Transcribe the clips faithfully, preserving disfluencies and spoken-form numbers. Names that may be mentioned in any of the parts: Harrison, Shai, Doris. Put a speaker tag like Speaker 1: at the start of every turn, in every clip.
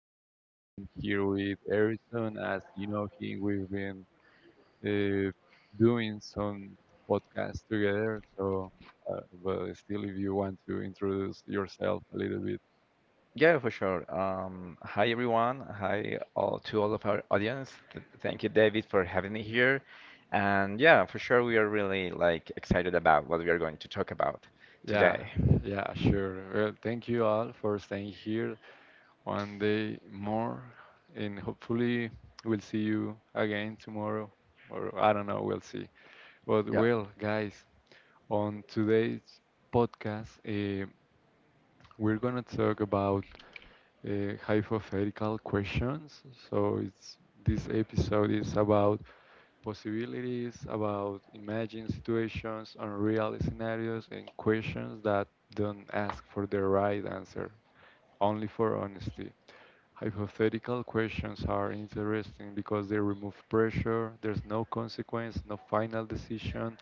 Speaker 1: David. I'm here with Erickson. As you know him, we've been uh, doing some podcasts together. So, uh, but still, if you want to introduce yourself a little bit,
Speaker 2: Yeah, for sure. Um, hi, everyone. Hi, all to all of our audience. Th- Thank you, David, for having me here. And yeah, for sure, we are really like excited about what we are going to talk about
Speaker 1: yeah,
Speaker 2: today.
Speaker 1: yeah, sure. Well, thank you all for staying here one day more, and hopefully, we'll see you again tomorrow, or I don't know, we'll see. But
Speaker 2: Yeah.
Speaker 1: well, guys. On today's podcast, eh, we're going to talk about uh, hypothetical questions. So, it's, this episode is about possibilities, about imagined situations, unreal scenarios, and questions that don't ask for the right answer, only for honesty. Hypothetical questions are interesting because they remove pressure, there's no consequence, no final decision,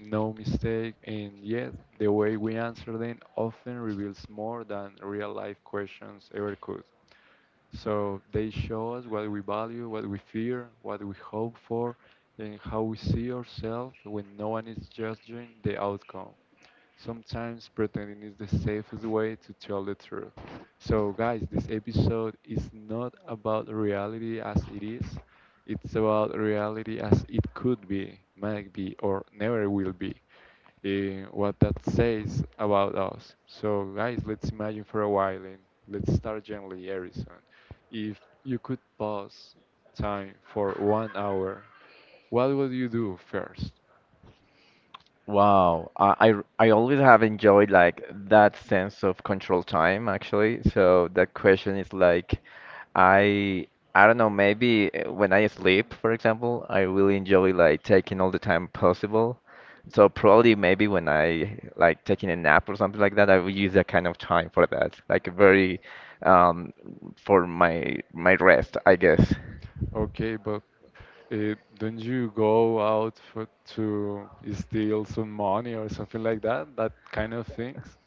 Speaker 1: no mistake, and yet the way we answer them often reveals more than real life questions ever could. So they show us what we value, what we fear, what we hope for, and how we see ourselves when no one is judging the outcome. Sometimes pretending is the safest way to tell the truth. So, guys, this episode is not about reality as it is, it's about reality as it could be, might be, or never will be eh, what that says about us. So, guys, let's imagine for a while and let's start gently, Harrison. If you could pause time for one hour, what would you do first?
Speaker 2: Wow, I, I r- I always have enjoyed like that sense of control time actually. So that question is like I I don't know, maybe uh, when I sleep, for example, I really enjoy like taking all the time possible. So probably maybe when I like taking a nap or something like that, I will use that kind of time for that, like a very um for my my rest, I guess.
Speaker 1: Okay, but uh, don't you go out for, to steal some money or something like that? That kind of things?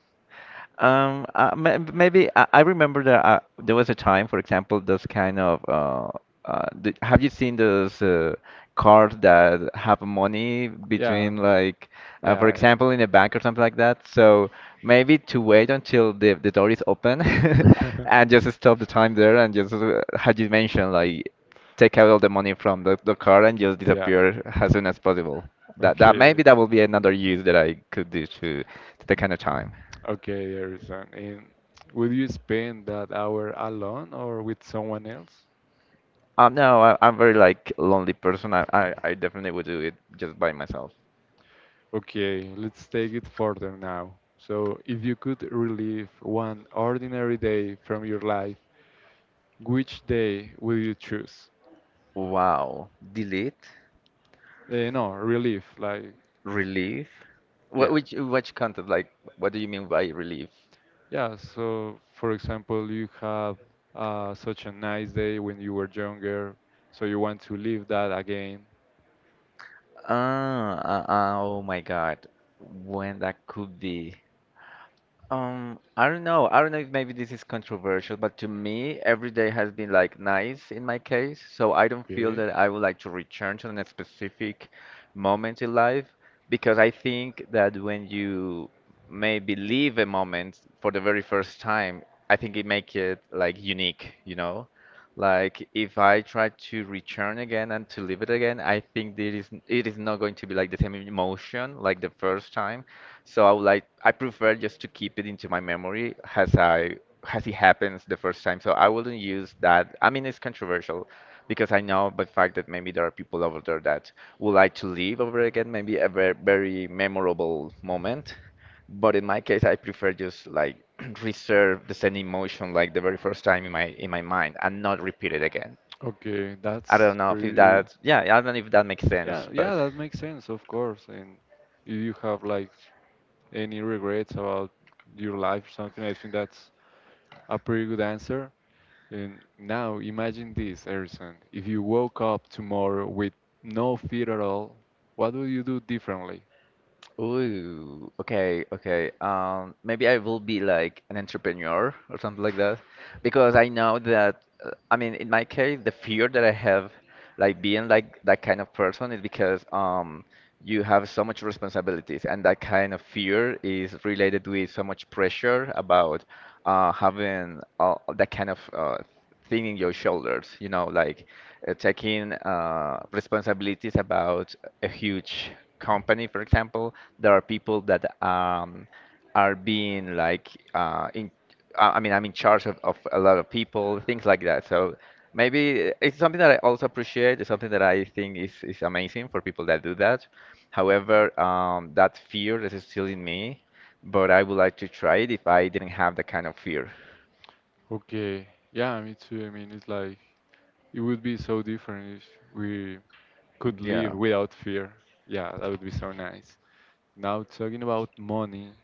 Speaker 2: Um, uh, ma- maybe I, I remember that uh, there was a time, for example, this kind of uh, uh, the, have you seen those uh, cards that have money
Speaker 1: Yeah,
Speaker 2: between like, uh, for
Speaker 1: yeah,
Speaker 2: example, in a bank or something like that? So maybe to wait until the the door is open
Speaker 1: yeah.
Speaker 2: and just stop the time there and just uh, how you mentioned like take out all the money from the, the card and just
Speaker 1: Yeah.
Speaker 2: disappear as soon as possible. That that
Speaker 1: Okay,
Speaker 2: maybe that will be another use that I could do to to the kind of time.
Speaker 1: okay, Harrison. And would you spend that hour alone or with someone else?
Speaker 2: Um, no, I, I'm very like lonely person. I, I, I definitely would do it just by myself.
Speaker 1: Okay, let's take it further now. So, if you could relive one ordinary day from your life, which day will you choose?
Speaker 2: Wow. Delete,
Speaker 1: Eh, no, relive, like,
Speaker 2: relief. What
Speaker 1: yeah.
Speaker 2: which which content? Like, what do you mean by relief?
Speaker 1: Yeah, so for example, you have uh, such a nice day when you were younger, so you want to live that again.
Speaker 2: Ah, uh, uh, oh my God. When that could be? Um, I don't know. I don't know if maybe this is controversial, but to me, every day has been like nice in my case. So I don't feel that I would like to return to a specific moment in life because I think that when you maybe leave a moment for the very first time, I think it make it like unique, you know? Like if I try to return again and to live it again, I think there is it is not going to be like the same emotion like the first time. So I would like I prefer just to keep it into my memory as I as it happens the first time. So I wouldn't use that. I mean, it's controversial because I know by fact that maybe there are people over there that would like to live over again, maybe a very, very memorable moment. But in my case, I prefer just like reserve the same emotion like the very first time in my in my mind and not repeat it again.
Speaker 1: Okay,
Speaker 2: I don't
Speaker 1: that's
Speaker 2: know if
Speaker 1: very.
Speaker 2: that yeah, I don't know if that makes sense,
Speaker 1: Yeah, yeah,
Speaker 2: but.
Speaker 1: that makes sense, of course. And if you have like any regrets about your life or something, I think that's a pretty good answer. And now imagine this, Harrison. If you woke up tomorrow with no fear at all, what would you do differently?
Speaker 2: Ooh, okay, okay. Um, maybe I will be like an entrepreneur or something like that, because I know that, uh, I mean, in my case, the fear that I have, like being like that kind of person, is because um, you have so much responsibilities, and that kind of fear is related with so much pressure about uh, having uh, that kind of uh, thing in your shoulders, you know, like uh, taking uh, responsibilities about a huge company, for example there are people that um, are being like uh, in I I mean I'm in charge of, of a lot of people things like that so maybe it's something that I also appreciate it's something that I think is, is amazing for people that do that however um, that fear is still in me but I would like to try it if I didn't have that kind of fear.
Speaker 1: Okay, yeah, me too. I mean, it's like it would be so different if we could
Speaker 2: Yeah.
Speaker 1: live without fear. Yeah, that would be so nice. Now talking about money,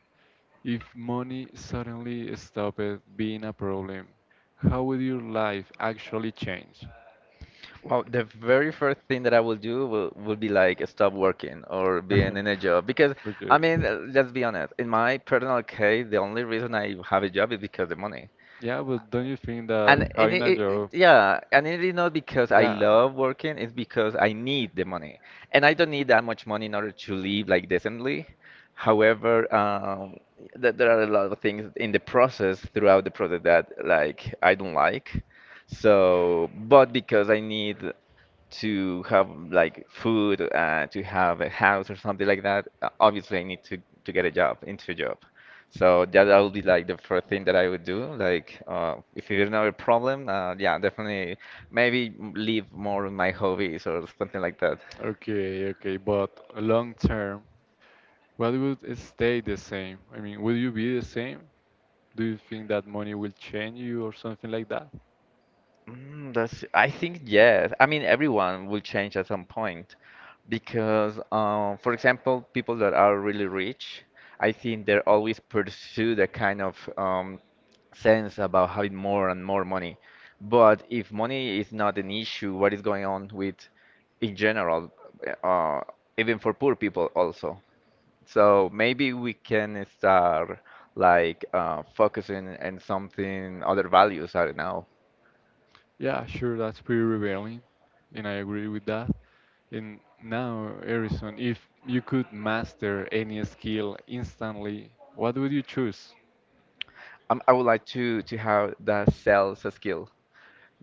Speaker 1: if money suddenly stopped being a problem, how would your life actually change?
Speaker 2: Well, the very first thing that I will do will, will be like stop working or being in a job because I
Speaker 1: Okay.
Speaker 2: mean, uh, let's be honest. In my personal case, the only reason I have a job is because the money.
Speaker 1: Yeah, but don't you think that
Speaker 2: And and
Speaker 1: having
Speaker 2: it,
Speaker 1: a
Speaker 2: it,
Speaker 1: job,
Speaker 2: yeah, and it is not because I
Speaker 1: yeah,
Speaker 2: love working, it's because I need the money. And I don't need that much money in order to live like decently. However, um, th there are a lot of things in the process, throughout the process that like I don't like. So, but because I need to have like food, uh, to have a house or something like that, uh, obviously I need to to get a job, into a job. So that that would be like the first thing that I would do. Like, uh, if you don't have a problem, uh, yeah, definitely maybe m- leave more of my hobbies or something like that.
Speaker 1: okay, okay, but long term, what would stay the same? I mean, would you be the same? Do you think that money will change you or something like that?
Speaker 2: Mm, that's, I think yes. I mean, everyone will change at some point because, uh, for example, people that are really rich, I think they're always pursue the kind of um, sense about having more and more money. But if money is not an issue, what is going on with in general, uh, even for poor people also? So maybe we can start like uh, focusing on something other values. I don't know.
Speaker 1: Yeah, sure, that's pretty revealing, and I agree with that. And now, Harrison, if you could master any skill instantly, what would you choose?
Speaker 2: Um, I would like to to have that sales skill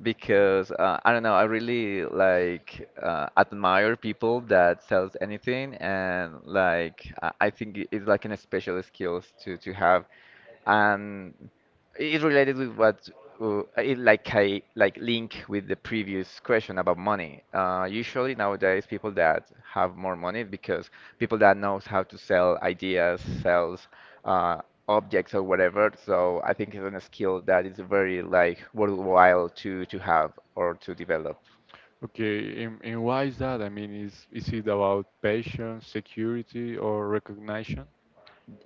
Speaker 2: because uh, I don't know. I really like uh, admire people that sells anything, and like I I think it- it's like an special skills to to have and it related with what uh, it like I like link with the previous question about money. Uh, usually nowadays people that have more money because people that knows how to sell ideas, sells uh, objects or whatever. So I think it's a skill that is very like worthwhile to to have or to develop.
Speaker 1: Okay, and, and why is that? I mean, is is it about patience, security, or recognition?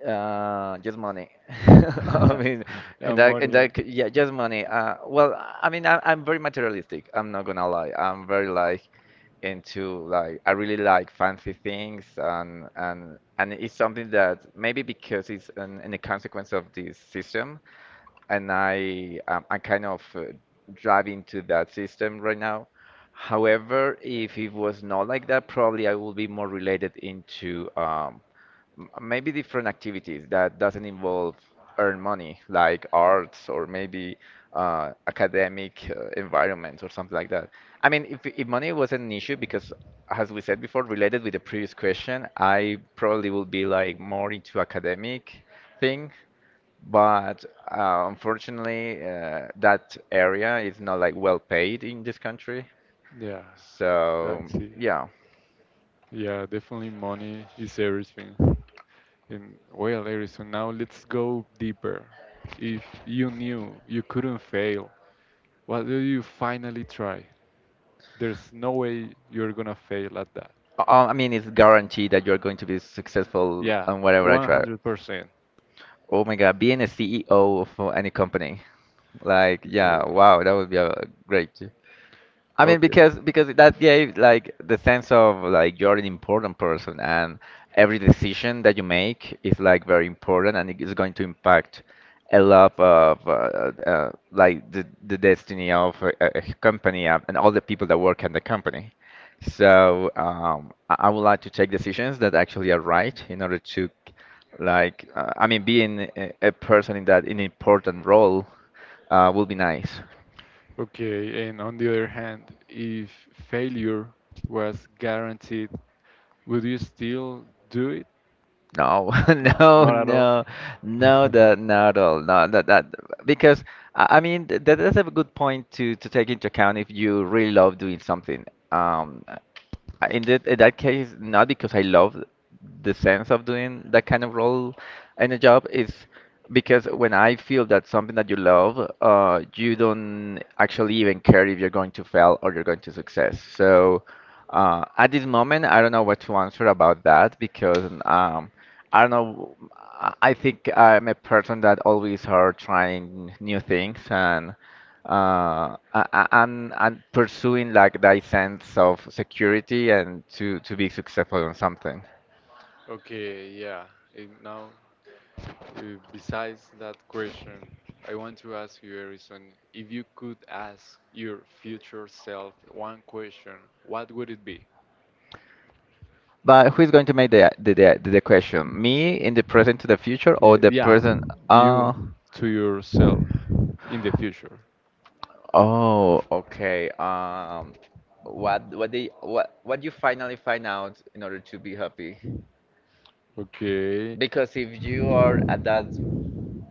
Speaker 2: Uh, just money. I mean,
Speaker 1: Yeah,
Speaker 2: and that and
Speaker 1: money.
Speaker 2: that yeah, just money. Uh, well, I mean, I, I'm very materialistic. I'm not gonna lie. I'm very like into like I really like fancy things and and and it's something that maybe because it's an, in a consequence of this system, and I um, I'm kind of uh, driving to that system right now. However, if it was not like that, probably I would be more related into um, m- maybe different activities that doesn't involve earn money, like arts or maybe uh, academic uh, environments or something like that. I mean, if, if money was an issue, because as we said before, related with the previous question, I probably will be like more into academic thing, but uh, unfortunately, uh, that area is not like well paid in this country.
Speaker 1: Yeah,
Speaker 2: So
Speaker 1: that's it.
Speaker 2: yeah.
Speaker 1: Yeah, definitely money is everything. And well, Eric. So now let's go deeper. If you knew you couldn't fail, what do you finally try? There's no way you're gonna fail at that.
Speaker 2: Uh, I mean, it's guaranteed that you're going to be successful
Speaker 1: Yeah,
Speaker 2: on whatever I try.
Speaker 1: one hundred percent.
Speaker 2: Oh my God, being a C E O of uh, any company, like,
Speaker 1: Yeah.
Speaker 2: yeah, wow, that would be a great. I mean,
Speaker 1: Okay.
Speaker 2: because because that gave like the sense of like you're an important person, and every decision that you make is like very important, and it is going to impact a lot of uh, uh, uh, like the the destiny of a, a a company uh, and all the people that work in the company. So um, I, I would like to take decisions that actually are right in order to like uh, I mean, being a, a person in that in important role uh, will be nice.
Speaker 1: Okay, and on the other hand, if failure was guaranteed, would you still do it?
Speaker 2: No,
Speaker 1: No,
Speaker 2: no,
Speaker 1: not at all.
Speaker 2: no, no, that not at all. No, that that because I I mean th- that is a good point to to take into account if you really love doing something. Um, I- in that in that case, not because I love the sense of doing that kind of role in a job. It's because when I feel that something that you love, uh, you don't actually even care if you're going to fail or you're going to success. So. Uh, at this moment, I don't know what to answer about that because um, I don't know. I I think I'm a person that always are trying new things and uh, a- a- and and pursuing like that sense of security and to to be successful on something.
Speaker 1: Okay, yeah. And now Uh, Besides that question, I want to ask you, Harrison, if you could ask your future self one question, what would it be?
Speaker 2: But who is going to make the the the, the question? Me in the present to the future or
Speaker 1: Y-
Speaker 2: the
Speaker 1: Yeah,
Speaker 2: person? Uh,
Speaker 1: you to yourself in the future.
Speaker 2: oh, okay. Um, what what they what what you finally find out in order to be happy?
Speaker 1: Okay.
Speaker 2: Because if you are at that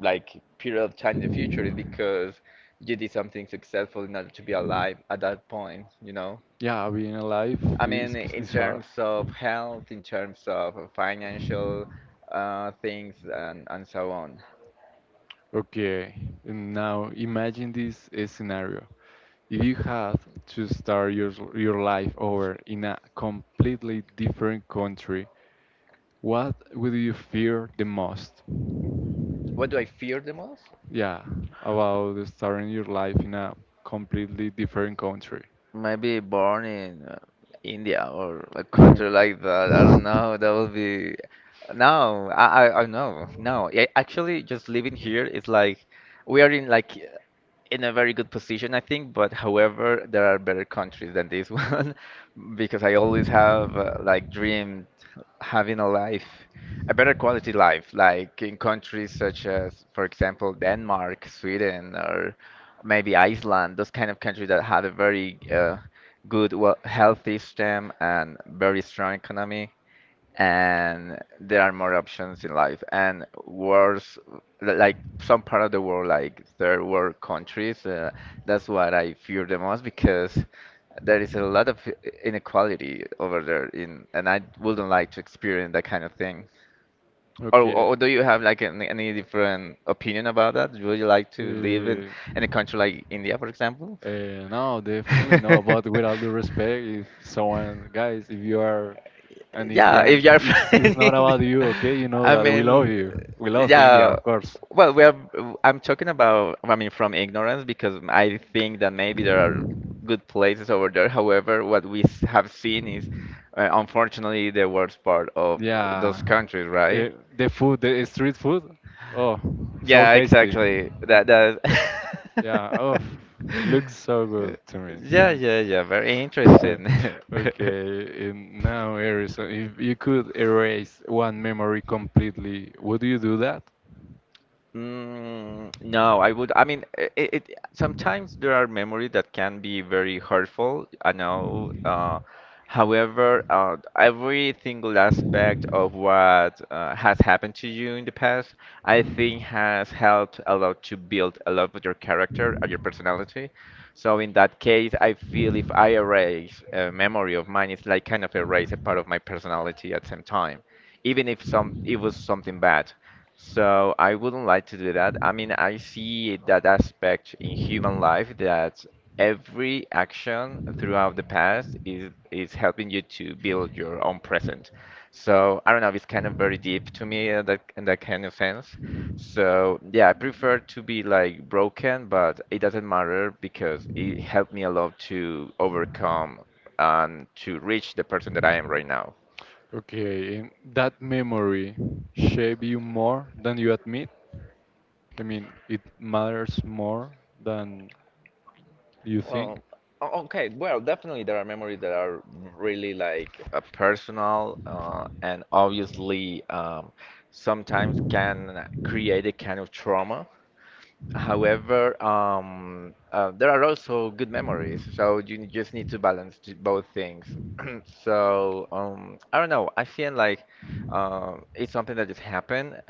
Speaker 2: like period of time in the future is because you did something successful in order to be alive at that point, you know?
Speaker 1: Yeah, being alive
Speaker 2: I mean,
Speaker 1: is
Speaker 2: in
Speaker 1: is hard.
Speaker 2: terms of health, in terms of financial uh, things, and, and so on.
Speaker 1: Okay, and now imagine this uh, scenario. If you had to start your your life over in a completely different country, what would you fear the most?
Speaker 2: What do I fear the most?
Speaker 1: Yeah, about starting your life in a completely different country.
Speaker 2: Maybe born in uh, India or a country like that. I don't know. That would be. No, I, I, I know. No, yeah, actually, just living here is like we are in like in a very good position, I think. But however, there are better countries than this one because I always have uh, like dreamed having a life, a better quality life, like in countries such as, for example, Denmark, Sweden, or maybe Iceland, those kind of countries that had a very uh, good, well, health system and very strong economy, and there are more options in life. And worse, like some part of the world, like third world countries, uh, that's what I fear the most because there is a lot of inequality over there in, and I wouldn't like to experience that kind of thing. Or,
Speaker 1: Okay.
Speaker 2: or do you have like any, any different opinion about that? Would you like to live in,
Speaker 1: Uh,
Speaker 2: in a country like India, for example?
Speaker 1: uh, no, definitely no. But with all due respect, if someone, guys, if you are. And in the
Speaker 2: Yeah,
Speaker 1: end,
Speaker 2: if you're
Speaker 1: it's, it's not
Speaker 2: planning,
Speaker 1: about you, okay? You know
Speaker 2: I
Speaker 1: that we love
Speaker 2: mean,
Speaker 1: you. We love India,
Speaker 2: yeah.
Speaker 1: of course.
Speaker 2: Well, we are. I'm talking about. I mean, from ignorance because I think that maybe there are good places over there. However, what we s- have seen is, uh, unfortunately, the worst part of
Speaker 1: Yeah.
Speaker 2: those countries,
Speaker 1: Eh,
Speaker 2: right?
Speaker 1: the food, the street food, oh, so
Speaker 2: Yeah,
Speaker 1: tasty.
Speaker 2: exactly.
Speaker 1: Mm.
Speaker 2: That
Speaker 1: Yeah, oh,
Speaker 2: that.
Speaker 1: looks so good to
Speaker 2: Yeah,
Speaker 1: me.
Speaker 2: yeah, yeah. Very
Speaker 1: Mm.
Speaker 2: interesting.
Speaker 1: Okay, and now, Harrison, if you could erase one memory completely, would you do that?
Speaker 2: Mm, no, I would. I mean, it, it sometimes there are memories that can be very hurtful. I know. Uh, however, uh, every single aspect of what uh, has happened to you in the past, I think, has helped a lot to build a lot of your character and your personality. So in that case, I feel if I erase a memory of mine, it's like kind of erase a part of my personality at the same time, even if some it was something bad. So I wouldn't like to do that. I mean, I see that aspect in human life that every action throughout the past is is helping you to build your own present. So I don't know, it's kind of very deep to me in that in that kind of sense. So yeah, I prefer to be like broken, but it doesn't matter because it helped me a lot to overcome and to reach the person that I am right now.
Speaker 1: Okay, and that memory shape you more than you admit? I mean, it matters more than you think?
Speaker 2: Um, o- okay, well, definitely there are memories that are really like uh, personal uh, and obviously um, sometimes can create a kind of trauma. However, um, uh, there are also good memories, so you just need to balance t- both things. So, um, I don't know. I feel like um, it's something that just happened,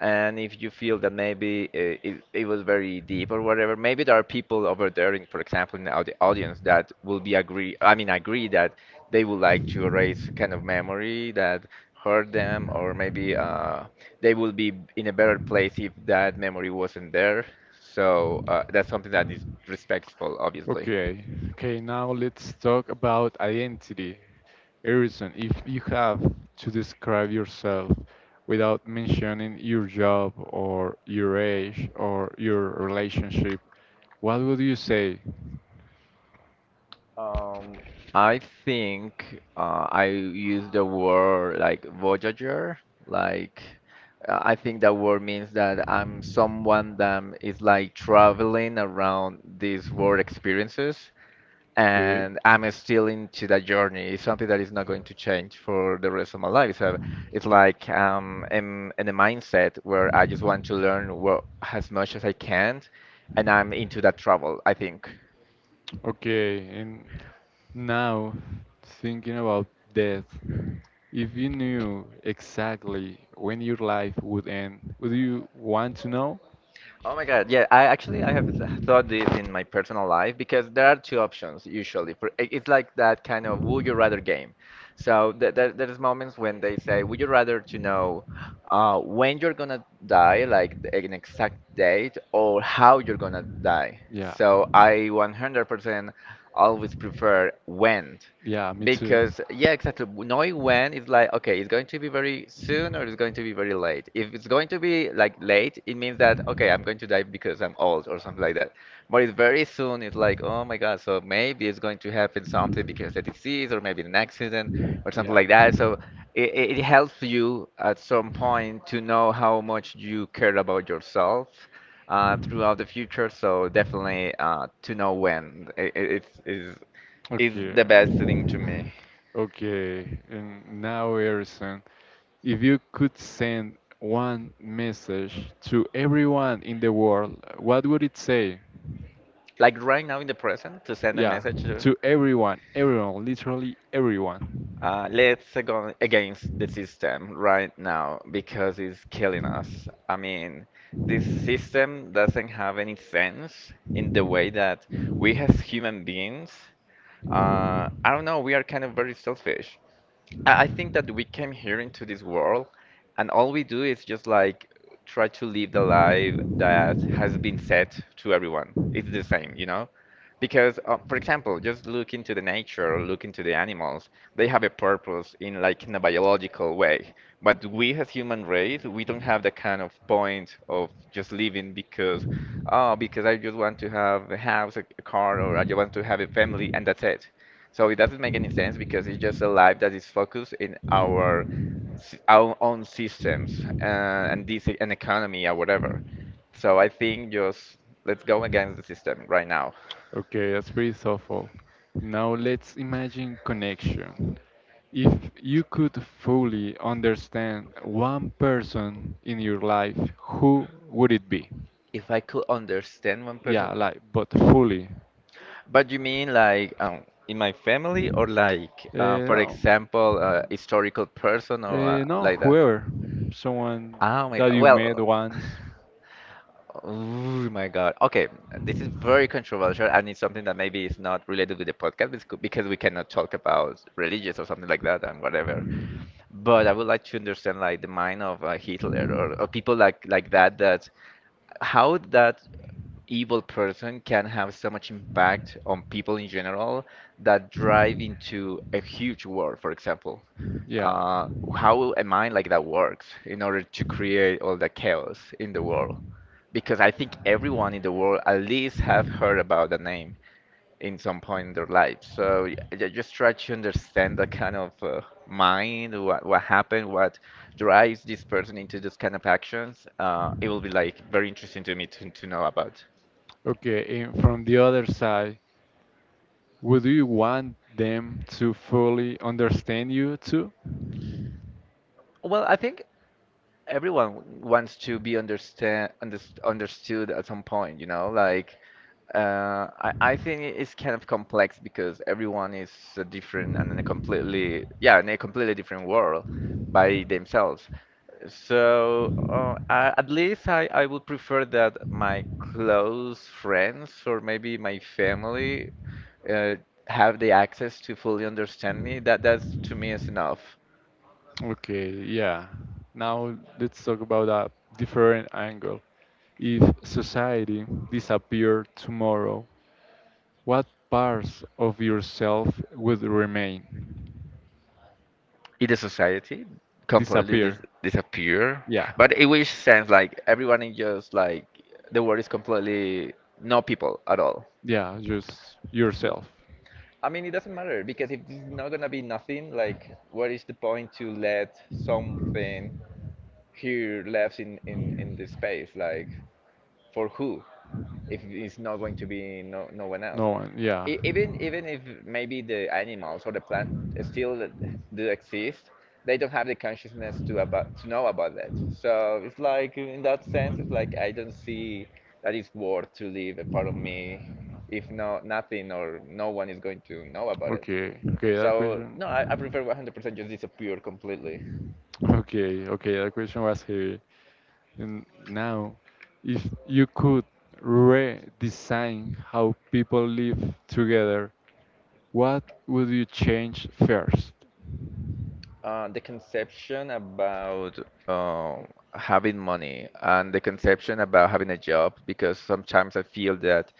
Speaker 2: and if you feel that maybe it, it, it was very deep or whatever, maybe there are people over there, in, for example, in the audi- audience that will be agree. I mean, agree that they would like to erase a kind of memory that hurt them, or maybe uh, they will be in a better place if that memory wasn't there. So uh, that's something that is respectful, obviously.
Speaker 1: Okay, okay, now let's talk about identity. Harrison, if you have to describe yourself without mentioning your job or your age or your relationship, what would you say?
Speaker 2: Um, I think uh, I use the word like voyager. Like, uh, I think that word means that I'm someone that is like traveling around these world experiences,
Speaker 1: Okay,
Speaker 2: and I'm still into that journey. It's something that is not going to change for the rest of my life. So it's like um, I'm in a mindset where I just want to learn what, as much as I can, and I'm into that travel, I think.
Speaker 1: okay, and now thinking about death, if you knew exactly when your life would end, would you want to know?
Speaker 2: Oh my God. Yeah, I actually I have th- thought this in my personal life because there are two options usually. For i- it's like that kind of would you rather game. So th there there's moments when they say, would you rather to know uh, when you're gonna die, like th- an exact date, or how you're gonna die.
Speaker 1: Yeah,
Speaker 2: So I one hundred percent always prefer when.
Speaker 1: yeah, me too.
Speaker 2: Because, yeah, exactly. Knowing when it's like, okay, it's going to be very soon or it's going to be very late. If it's going to be like late, it means that, okay, I'm going to die because I'm old or something like that. But it's very soon, it's like, oh my God, so maybe it's going to happen something because of disease or maybe an accident or something
Speaker 1: Yeah.
Speaker 2: like that. So it, it it helps you at some point to know how much you care about yourself uh, throughout the future. So definitely uh, to know when I I- it's, is, is
Speaker 1: Okay.
Speaker 2: the best thing to me.
Speaker 1: Okay. And now, Harrison, if you could send one message to everyone in the world, what would it say?
Speaker 2: Like right now in the present, to send a
Speaker 1: Yeah,
Speaker 2: message to.
Speaker 1: to everyone, everyone, literally everyone.
Speaker 2: Uh, let's go against the system right now because it's killing us. I mean, this system doesn't have any sense in the way that we as human beings, uh, I don't know, we are kind of very selfish. I I think that we came here into this world, and all we do is just like try to live the life that has been set to everyone. It's the same, you know? Because, uh, for example, just look into the nature, look into the animals. They have a purpose in like in a biological way. But we as human race, we don't have that kind of point of just living because, oh, because I just want to have a house, a a car, or I just want to have a family, and that's it. So it doesn't make any sense because it's just a life that is focused in our s- our own systems uh, and this an economy or whatever. So I think just let's go against the system right now.
Speaker 1: Okay, that's pretty thoughtful. Now let's imagine connection. If you could fully understand one person in your life, who would it be?
Speaker 2: If I could understand one person,
Speaker 1: Yeah, like, but fully.
Speaker 2: but you mean like um, in my family or like
Speaker 1: Uh,
Speaker 2: uh, for
Speaker 1: no,
Speaker 2: example a historical person or
Speaker 1: uh,
Speaker 2: uh,
Speaker 1: no,
Speaker 2: like that?
Speaker 1: whoever, someone
Speaker 2: Oh my
Speaker 1: that
Speaker 2: God.
Speaker 1: you met
Speaker 2: Well,
Speaker 1: once.
Speaker 2: Oh my God. Okay, this is very controversial and it's something that maybe is not related with the podcast because because we cannot talk about religious or something like that and whatever. But I would like to understand like the mind of uh, Hitler, or, or people like like that that how that evil person can have so much impact on people in general that drive into a huge war, for example.
Speaker 1: Yeah.
Speaker 2: Uh, how a mind like that works in order to create all the chaos in the world because I think everyone in the world at least have heard about the name in some point in their life. So y- I just try to understand the kind of uh, mind, what what happened, what drives this person into those kind of actions. Uh, it will be like very interesting to me to, to know about.
Speaker 1: Okay, and from the other side, would you want them to fully understand you too?
Speaker 2: Well, I think everyone wants to be understand underst understood at some point, you know? Like, uh, I I think it's kind of complex because everyone is uh, different and in a completely yeah in a completely different world by themselves. So uh, I, at least I I would prefer that my close friends or maybe my family uh, have the access to fully understand me. That that's to me is enough.
Speaker 1: Okay, yeah. Now let's talk about a different angle. If society disappeared tomorrow, what parts of yourself would remain?
Speaker 2: In the society, completely
Speaker 1: Disappear.
Speaker 2: dis disappear.
Speaker 1: Yeah.
Speaker 2: But it which sense like everyone is just like the world is completely no people at all.
Speaker 1: Yeah, just yourself.
Speaker 2: I mean, it doesn't matter because if it's not gonna be nothing, like what is the point to let something here left in in in this space? Like for who? If it's not going to be no no one else.
Speaker 1: No one, yeah.
Speaker 2: E- even even if maybe the animals or the plants still do exist, they don't have the consciousness to about to know about that, so it's like in that sense it's like I don't see that it's worth to leave a part of me if no nothing or no one is going to know about it,
Speaker 1: Okay, okay, that
Speaker 2: so
Speaker 1: question.
Speaker 2: no, I I prefer one hundred percent just disappear completely.
Speaker 1: Okay, okay, that question was heavy. And now, if you could redesign how people live together, what would you change first?
Speaker 2: Uh, the conception about um, having money and the conception about having a job because sometimes I feel that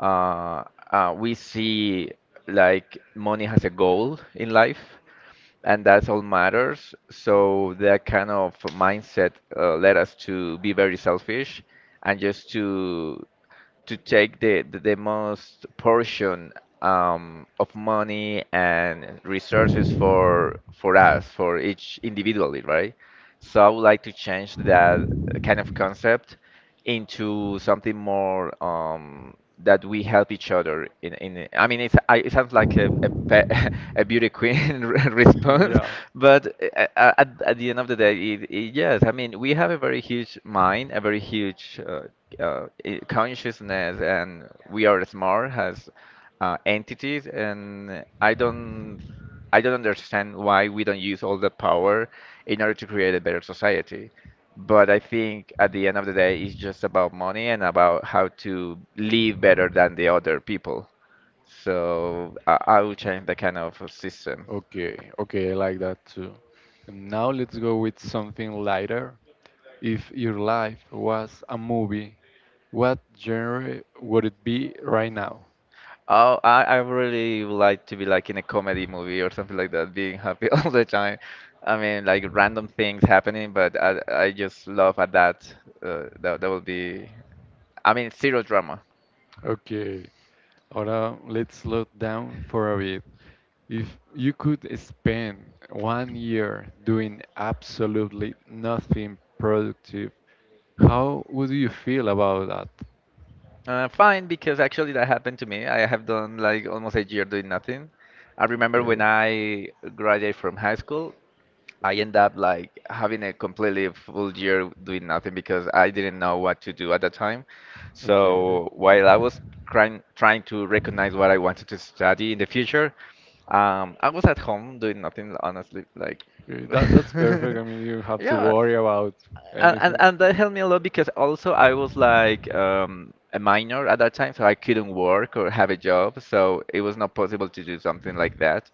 Speaker 2: uh, uh, we see like money has a goal in life and that's all matters. So that kind of mindset uh, led us to be very selfish and just to to take the, the, the most portion um, of money and resources for for us, for each individually, right? So I would like to change that kind of concept into something more um, that we help each other in, in I mean it's I, it sounds like a a, pe- a beauty queen response,
Speaker 1: Yeah.
Speaker 2: but uh, uh, at, at the end of the day it, it, yes I mean we have a very huge mind, a very huge uh, uh, i- consciousness, and we are smart as uh, entities, and i don't i don't understand why we don't use all the power in order to create a better society, but I think at the end of the day it's just about money and about how to live better than the other people, so I, I will change the kind of system.
Speaker 1: Okay, okay, I like that too. And now let's go with something lighter. If your life was a movie, what genre would it be right now?
Speaker 2: Oh, I, I really would like to be like in a comedy movie or something like that, being happy all the time. I mean, like random things happening, but I, I just love at that. Uh, that that would be, I mean, zero drama.
Speaker 1: Okay, ahora let's slow down for a bit. If you could spend one year doing absolutely nothing productive, how would you feel about that?
Speaker 2: Uh, fine, because actually that happened to me. I have done like almost a year doing nothing. I remember when
Speaker 1: Okay,
Speaker 2: I graduated from high school, I end up like having a completely full year doing nothing because I didn't know what to do at the time.
Speaker 1: okay.
Speaker 2: So while I was trying trying to recognize what I wanted to study in the future, um, I was at home doing nothing, honestly. Like,
Speaker 1: Okay, that that's perfect. I mean, you have to
Speaker 2: yeah,
Speaker 1: worry about
Speaker 2: and, and
Speaker 1: anything.
Speaker 2: and that helped me a lot because also I was like um, a minor at that time, so I couldn't work or have a job, so it was not possible to do something like that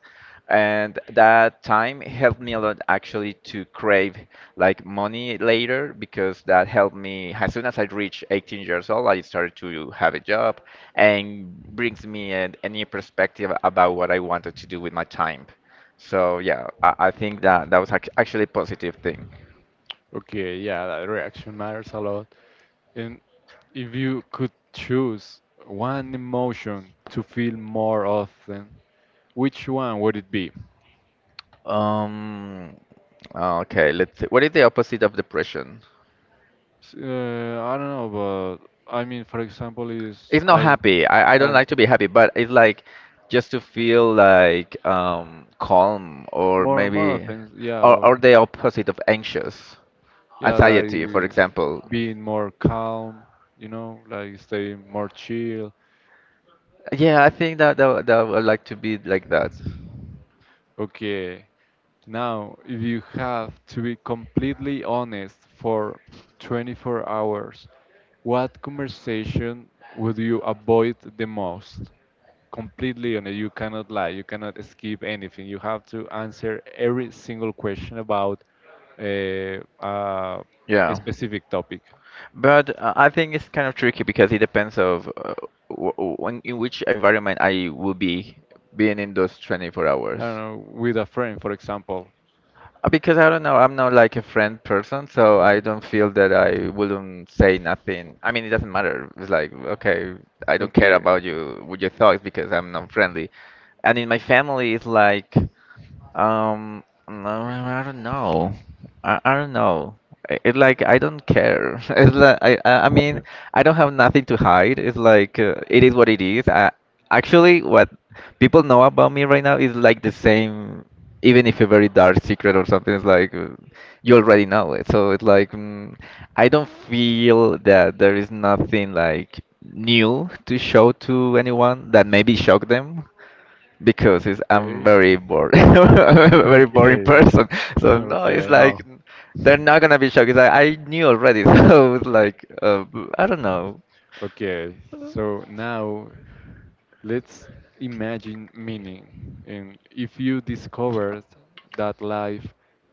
Speaker 2: and that time helped me a lot actually to crave like money later because that helped me as soon as I reached eighteen years old. I started to have a job and brings me a, a new perspective about what I wanted to do with my time. So yeah, i, I think that that was ac- actually a positive thing.
Speaker 1: Okay, yeah, that reaction matters a lot. And if you could choose one emotion to feel more often, which one would it be?
Speaker 2: um okay, let's see, what is the opposite of depression?
Speaker 1: S- Uh, I don't know, but I mean, for example, is
Speaker 2: It's not
Speaker 1: I,
Speaker 2: happy. I, I don't
Speaker 1: I
Speaker 2: like to be happy, but it's like just to feel like um, calm, or
Speaker 1: more more
Speaker 2: maybe
Speaker 1: offense, yeah,
Speaker 2: or,
Speaker 1: or
Speaker 2: or the opposite of anxious.
Speaker 1: yeah, like
Speaker 2: Anxiety, for example.
Speaker 1: being more calm, you know, like staying more chill.
Speaker 2: Yeah, I think that that, that I would like to be like that.
Speaker 1: Okay. Now, if you have to be completely honest for twenty-four hours, what conversation would you avoid the most? Completely honest, you cannot lie, you cannot skip anything. You have to answer every single question about uh, uh, a
Speaker 2: Yeah.
Speaker 1: specific topic.
Speaker 2: But uh, I think it's kind of tricky because it depends of uh, w w- when- in which environment I will be being in those twenty-four hours.
Speaker 1: I don't know, with a friend, for example.
Speaker 2: Uh, Because I don't know, I'm not like a friend person, so
Speaker 1: Uh,
Speaker 2: I don't feel that I wouldn't say nothing. I mean, it doesn't matter. It's like, okay, I don't care
Speaker 1: Okay.
Speaker 2: about you, with your thoughts, because I'm not friendly. And in my family, it's like um, no, I don't know. I, I don't know. I- It's like I don't care. It's like I, I I mean, I don't have nothing to hide. It's like uh, it is what it is. I, actually, what people know about me right now is like the same, even if a very dark secret or something. It's like uh, you already know it. So it's like mm, I don't feel that there is nothing like new to show to anyone that maybe shock them because it's, I'm
Speaker 1: Okay.
Speaker 2: very bored, very boring
Speaker 1: Okay.
Speaker 2: person. So no, it's
Speaker 1: Okay, I
Speaker 2: like
Speaker 1: know.
Speaker 2: they're not gonna be shocked. It's like I knew already, so it's like uh, I don't know.
Speaker 1: Okay, so now let's imagine meaning. And if you discovered that life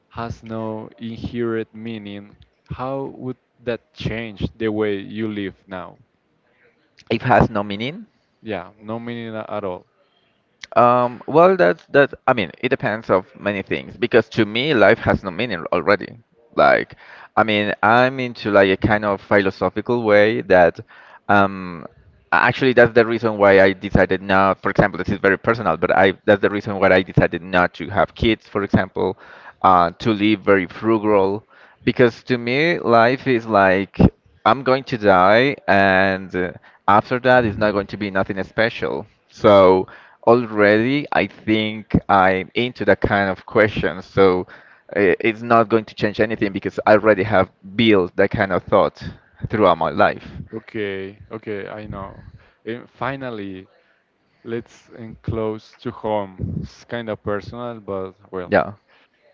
Speaker 1: has no inherent meaning, how would that change the way you live now?
Speaker 2: It has no meaning.
Speaker 1: Yeah, no meaning a- at all.
Speaker 2: Um, well, that's that. I mean, it depends of many things because to me, life has no meaning already. Like, I mean, I'm into like a kind of philosophical way that, um, actually that's the reason why I decided not. For example, this is very personal, but I that's the reason why I decided not to have kids, for example, uh, to live very frugal, because to me, life is like I'm going to die, and uh, after that, it's not going to be nothing special. So. Already, I think I'm into that kind of question, so uh, it's not going to change anything because I already have built that kind of thought throughout my life.
Speaker 1: Okay, okay, I know. And finally, let's enclose to home. It's kind of personal, but well.
Speaker 2: Yeah.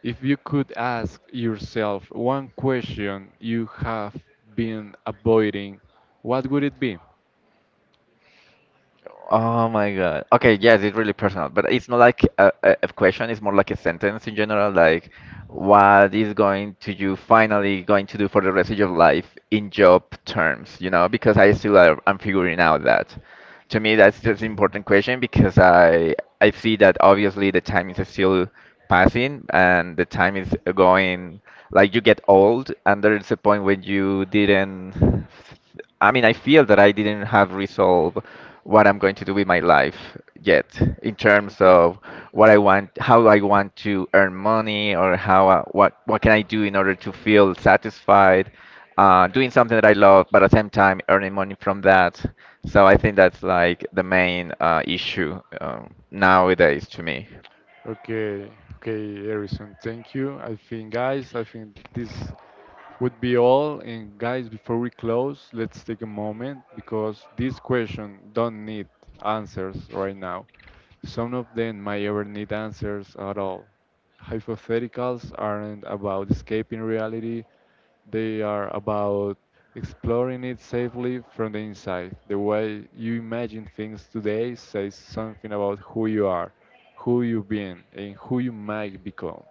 Speaker 1: If you could ask yourself one question you have been avoiding, what would it be?
Speaker 2: Oh my God. Okay, yes, it's really personal, but it's not like a, a a question, it's more like a sentence in general, like what is going to you finally going to do for the rest of your life in job terms, you know, because I still are, I'm figuring out that. To me, that's just an important question because I I see that obviously the time is still passing and the time is going like you get old and there is a point when you didn't. I mean, I feel that I didn't have resolve what I'm going to do with my life yet in terms
Speaker 1: Okay.
Speaker 2: of what I want, how I want to earn money, or how I, what what can I do in order to feel satisfied uh, doing something that I love, but at the same time earning money from that. So I think that's like the main uh, issue um, nowadays to me.
Speaker 1: Okay, okay, Harrison, thank you. I think, guys, I think this would be all. And guys, before we close, let's take a moment because this question don't need answers right now. Some of them might ever need answers at all. Hypotheticals aren't about escaping reality, they are about exploring it safely from the inside. The way you imagine things today says something about who you are, who you've been, and who you might become.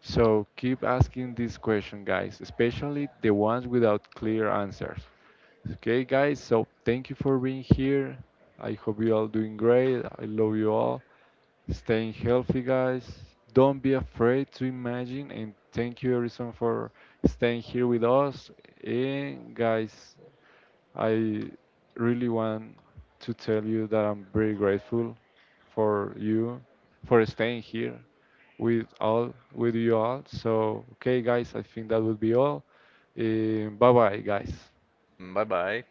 Speaker 1: So keep asking these questions, guys, especially the ones without clear answers. Okay, guys, so thank you for being here. I hope you all doing great. I love you all. Staying healthy, guys. Don't be afraid to imagine. And thank you, Harrison, for staying here with us. And, guys, I really want to tell you that I'm very grateful for you for staying here with all with you all. So okay, guys, I think that would be all. Uh, bye bye, guys.
Speaker 2: Bye bye.